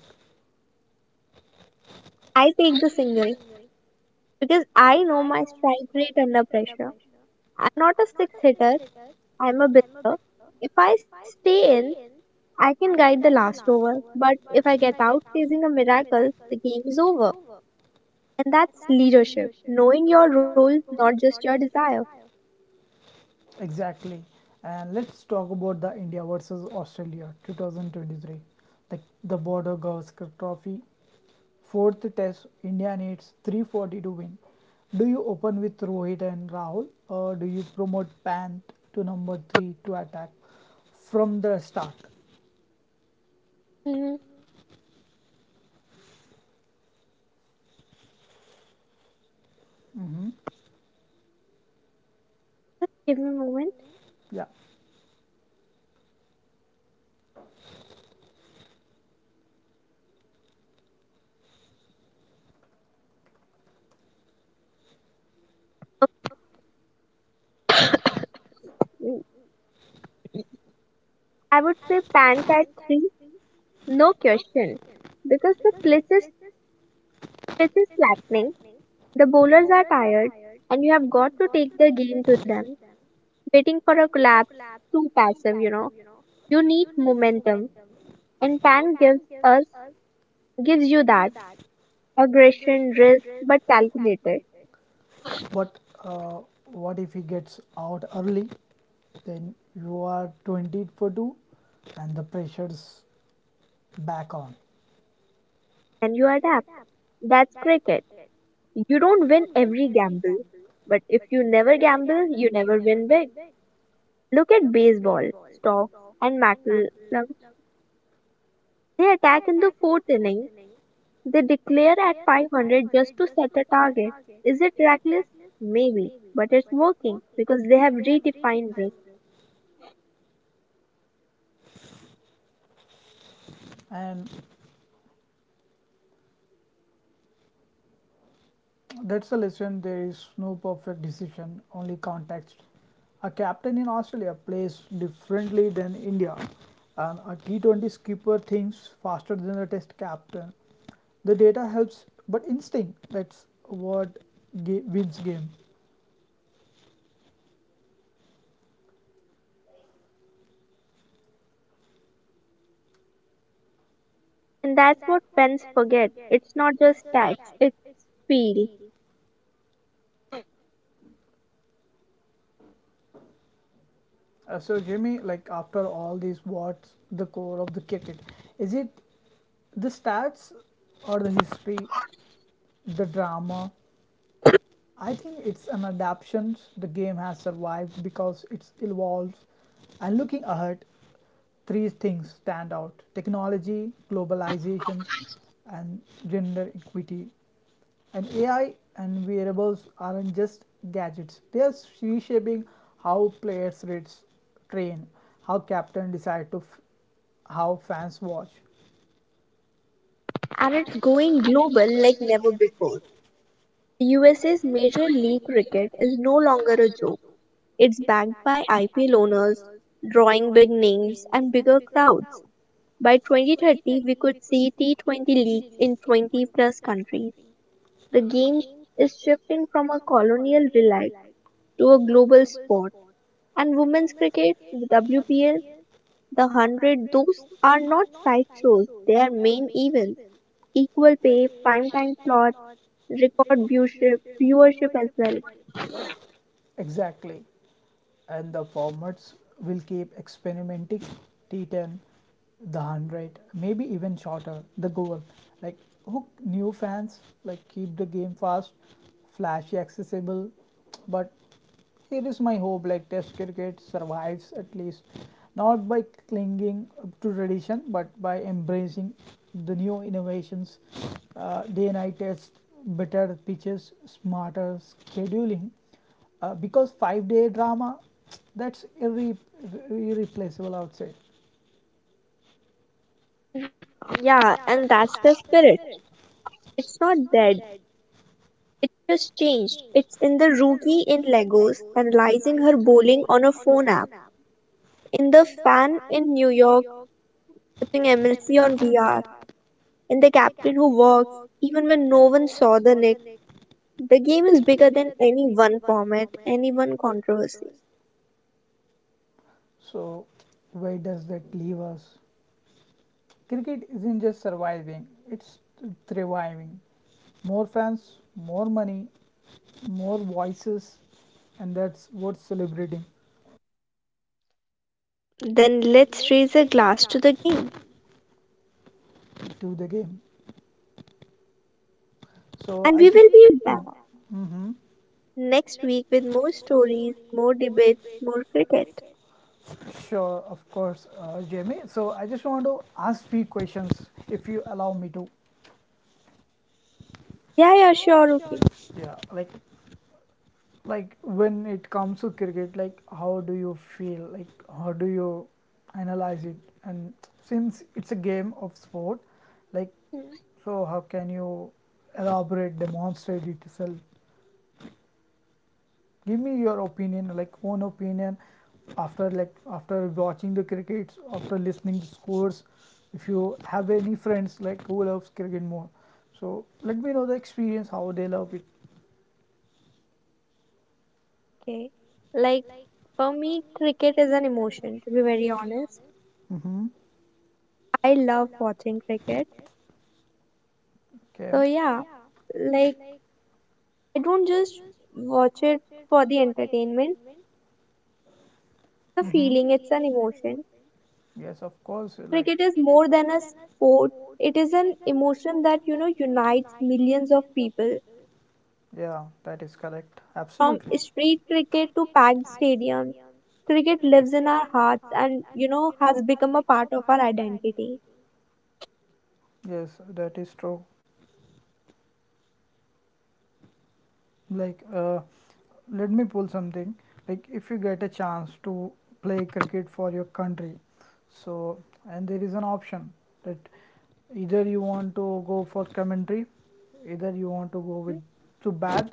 Speaker 2: I take the single, because I know my strike rate under pressure. I'm not a six hitter, I'm a bowler. If I stay in, I can guide the last over, but if I get out chasing a miracle, the game is over. And that's leadership, knowing your role, not just your desire.
Speaker 1: exactly? And let's talk about the India versus Australia 2023, like the Border Gavaskar Trophy fourth test. India needs 340 to win. Do you open with Rohit and Rahul or do you promote Pant to number 3 to attack from the start?
Speaker 2: Mm,
Speaker 1: Hmm.
Speaker 2: Just give me a moment.
Speaker 1: Yeah,
Speaker 2: Mm, I would say pants at three, no question, because the pitch is flattening, the bowlers are tired, and you have got to take the game to them. Waiting for a collapse, too passive, you know, you need momentum. And tan us gives you that aggression, risk but calculated.
Speaker 1: but uh, what if he gets out early? Then you are 20 for 2 and the pressure's back on.
Speaker 2: And you adapt. That's cricket. You don't win every gamble, but if you never gamble you never win big. Look at baseball, stocks and McCallum. They attack in the fourth inning, they declare at 500 just to set a target. Is it reckless? Maybe, but it's working because they have redefined risk.
Speaker 1: And That's the lesson: there is no perfect decision, only context. A captain in Australia plays differently than India, and a T20 skipper thinks faster than a test captain. The data helps, but instinct, that's what wins game.
Speaker 2: And that's what fans forget. It's not just stats, it's feel.
Speaker 1: So, Jimmy, like after all this, what's the core of the cricket? Is it the stats or the history, the drama? I think it's an adaptation, the game has survived because it's evolved. And looking ahead, three things stand out: technology, globalizations, and gender equity. And AI and wearables aren't just gadgets, they are reshaping how players rates train, how captain decide to, how fans watch.
Speaker 2: And it's going global like never before. The USA's major league cricket is no longer a joke. It's backed by IPL owners, drawing big names and bigger crowds. By 2030, we could see T20 leagues in 20 plus countries. The game is shifting from a colonial relic to a global sport. And women's cricket, the WPL, the hundred, those are not sideshows, they are main events. Equal pay, prime time slots, record viewership, as well.
Speaker 1: Exactly. And the formats will keep experimenting: T10, the 100, maybe even shorter. The goal, like hook new fans, like keep the game fast, flashy, accessible, but here is my hope, like Test cricket survives at least not by clinging to tradition but by embracing the new innovations, day and night tests, better pitches, smarter scheduling. Because 5 day drama, that's irreplaceable, I would say.
Speaker 2: Yeah, and that's the spirit. It's not dead. It just changed. It's in the rookie in Lagos analyzing her bowling on a phone app, in the fan in New York watching MLC on VR, in the captain who works even when no one saw the nick. The game is bigger than any one format, any one controversy.
Speaker 1: So, where does that leave us? Cricket isn't just surviving, it's thriving. More fans, more money, more voices, and that's what's celebrating
Speaker 2: Then let's raise a glass to the game.
Speaker 1: to the game. So
Speaker 2: And
Speaker 1: I
Speaker 2: we
Speaker 1: just
Speaker 2: will be back
Speaker 1: been? Hmm.
Speaker 2: next week with more stories, more debates, more cricket.
Speaker 1: Sure, of course, Jamie. So I just want to ask few questions, if you allow me to.
Speaker 2: Yeah, yeah, sure, okay.
Speaker 1: Yeah, like when it comes to cricket, like how do you feel? Like how do you analyze it? And since it's a game of sport, like
Speaker 2: Mhm.
Speaker 1: so how can you elaborate, demonstrate it itself? Give me your opinion, like own opinion, after after watching the crickets, after listening to scores, if you have any friends like who loves cricket more, so let me know the experience how they love it.
Speaker 2: Okay. Like, for me, cricket is an emotion, to be very honest.
Speaker 1: Mm-hmm.
Speaker 2: I love watching cricket.
Speaker 1: Okay.
Speaker 2: So, yeah, like, I don't just watch it for the entertainment, the
Speaker 1: Mm-hmm.
Speaker 2: feeling, it's an emotion.
Speaker 1: Yes, of course, like
Speaker 2: Cricket is more than a sport, it is an emotion that, you know, unites millions of people.
Speaker 1: yeah, that is correct,
Speaker 2: From
Speaker 1: absolutely.
Speaker 2: street cricket to packed stadiums, cricket lives in our hearts and, you know, has become a part of our identity.
Speaker 1: Yes, that is true. Like let me pull something, like if you get a chance to play cricket for your country, so, and there is an option that either you want to go for commentary, either you want to go with to bat,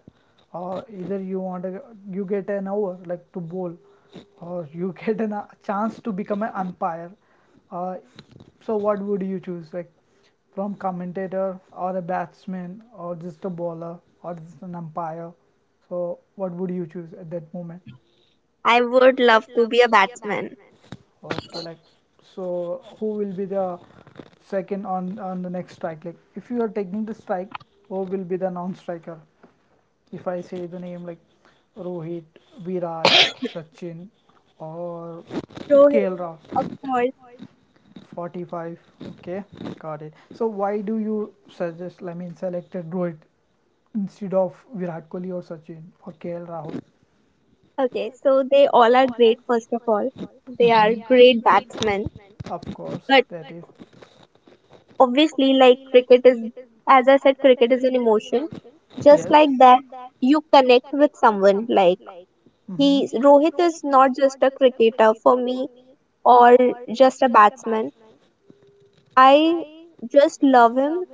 Speaker 1: or either you want to you get an over like to bowl, or you get an, a chance to become an umpire. uh, so what would you choose, like from commentator or a batsman or just a bowler or just an umpire? So what would you choose at that moment?
Speaker 2: I would love to be a batsman.
Speaker 1: Okay, like so who will be the second on the next strike? Like if you are taking the strike, who will be the non-striker? If I say the name like Rohit, Virat, Sachin, or
Speaker 2: Rohit,
Speaker 1: KL
Speaker 2: of
Speaker 1: Rahul.
Speaker 2: course.
Speaker 1: 45, okay, got it. So why do you suggest, I mean selected Rohit instead of Virat Kohli or Sachin or KL Rahul?
Speaker 2: Okay, so they all are great, first of all.
Speaker 1: They
Speaker 2: They are great
Speaker 1: Mhm.
Speaker 2: batsmen.
Speaker 1: Of course
Speaker 2: But
Speaker 1: that but is
Speaker 2: obviously, like cricket is, as I said, cricket is an emotion. Just like
Speaker 1: yes.
Speaker 2: that, you connect with someone. Like he,
Speaker 1: Hmm.
Speaker 2: Rohit is not just a cricketer for me or just a batsman. I just love him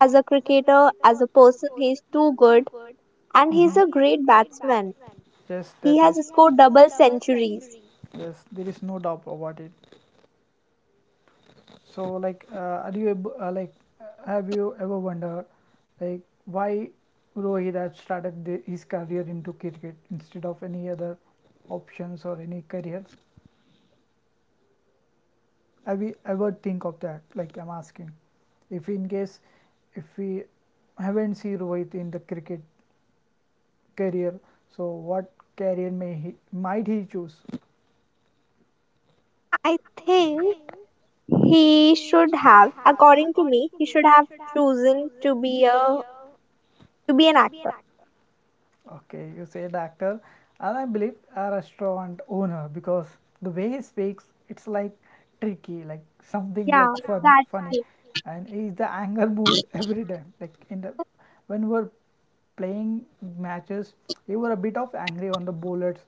Speaker 2: as a cricketer, as a person. He's too good and he's a
Speaker 1: Hmm,
Speaker 2: great batsman.
Speaker 1: yes
Speaker 2: He
Speaker 1: that
Speaker 2: has
Speaker 1: is.
Speaker 2: scored double centuries.
Speaker 1: Yes, there is no doubt about it. So like like have you ever wondered like why Rohit had started his career into cricket instead of any other options or any careers? Have you ever think of that? Like I'm asking, if in case if we haven't see Rohit in the cricket career, so what career may he might he choose?
Speaker 2: I think he should have, according to me, he should have chosen to be a to be an actor.
Speaker 1: Okay, you said actor, and I believe a restaurant owner because the way he speaks, it's like tricky, like something
Speaker 2: Yeah,
Speaker 1: like funny,
Speaker 2: that's
Speaker 1: funny,
Speaker 2: it.
Speaker 1: and he's the anger mood every time. Like in the when we were playing matches, he were a bit of angry on the bowlers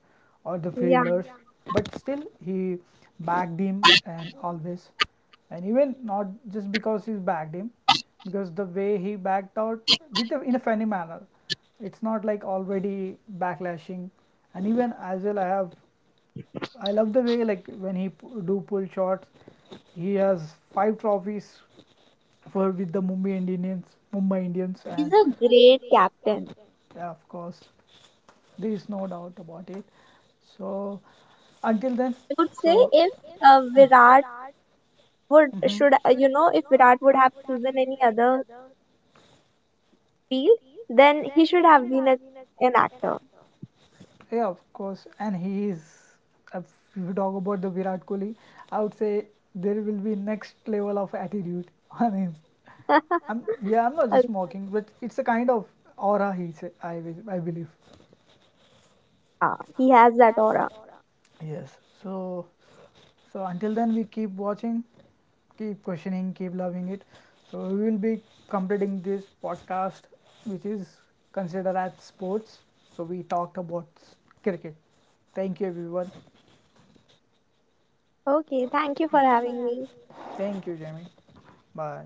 Speaker 1: or the
Speaker 2: Yeah,
Speaker 1: fielders, but still he bagged him and always, and even not just because he's bagged him, because the way he backed out with a, in a funny manner, it's not like already backlashing. And even as well I have, I love the way like when he do pull shots, he has five trophies for with the Mumbai Indians
Speaker 2: he's
Speaker 1: and
Speaker 2: a great captain.
Speaker 1: yeah, of course, there is no doubt about it. So until then,
Speaker 2: I would say
Speaker 1: so
Speaker 2: if Virat would
Speaker 1: mhm.
Speaker 2: should, you know, if Virat would have chosen any other field, then he should have been an actor.
Speaker 1: Yeah, of course. And he is, if we talk about the Virat Kohli, I would say there will be next level of attitude on him. I'm, yeah, I'm not just mocking, but it's a kind of aura he say, I, I believe.
Speaker 2: Ah, he has that aura.
Speaker 1: Yes. So, so until then, we keep watching, keep questioning, keep loving it. So we will be completing this podcast, which is considered as sports. So we talked about cricket. Thank you, everyone.
Speaker 2: Okay, thank you for having me.
Speaker 1: Thank you, Jamie. Bye.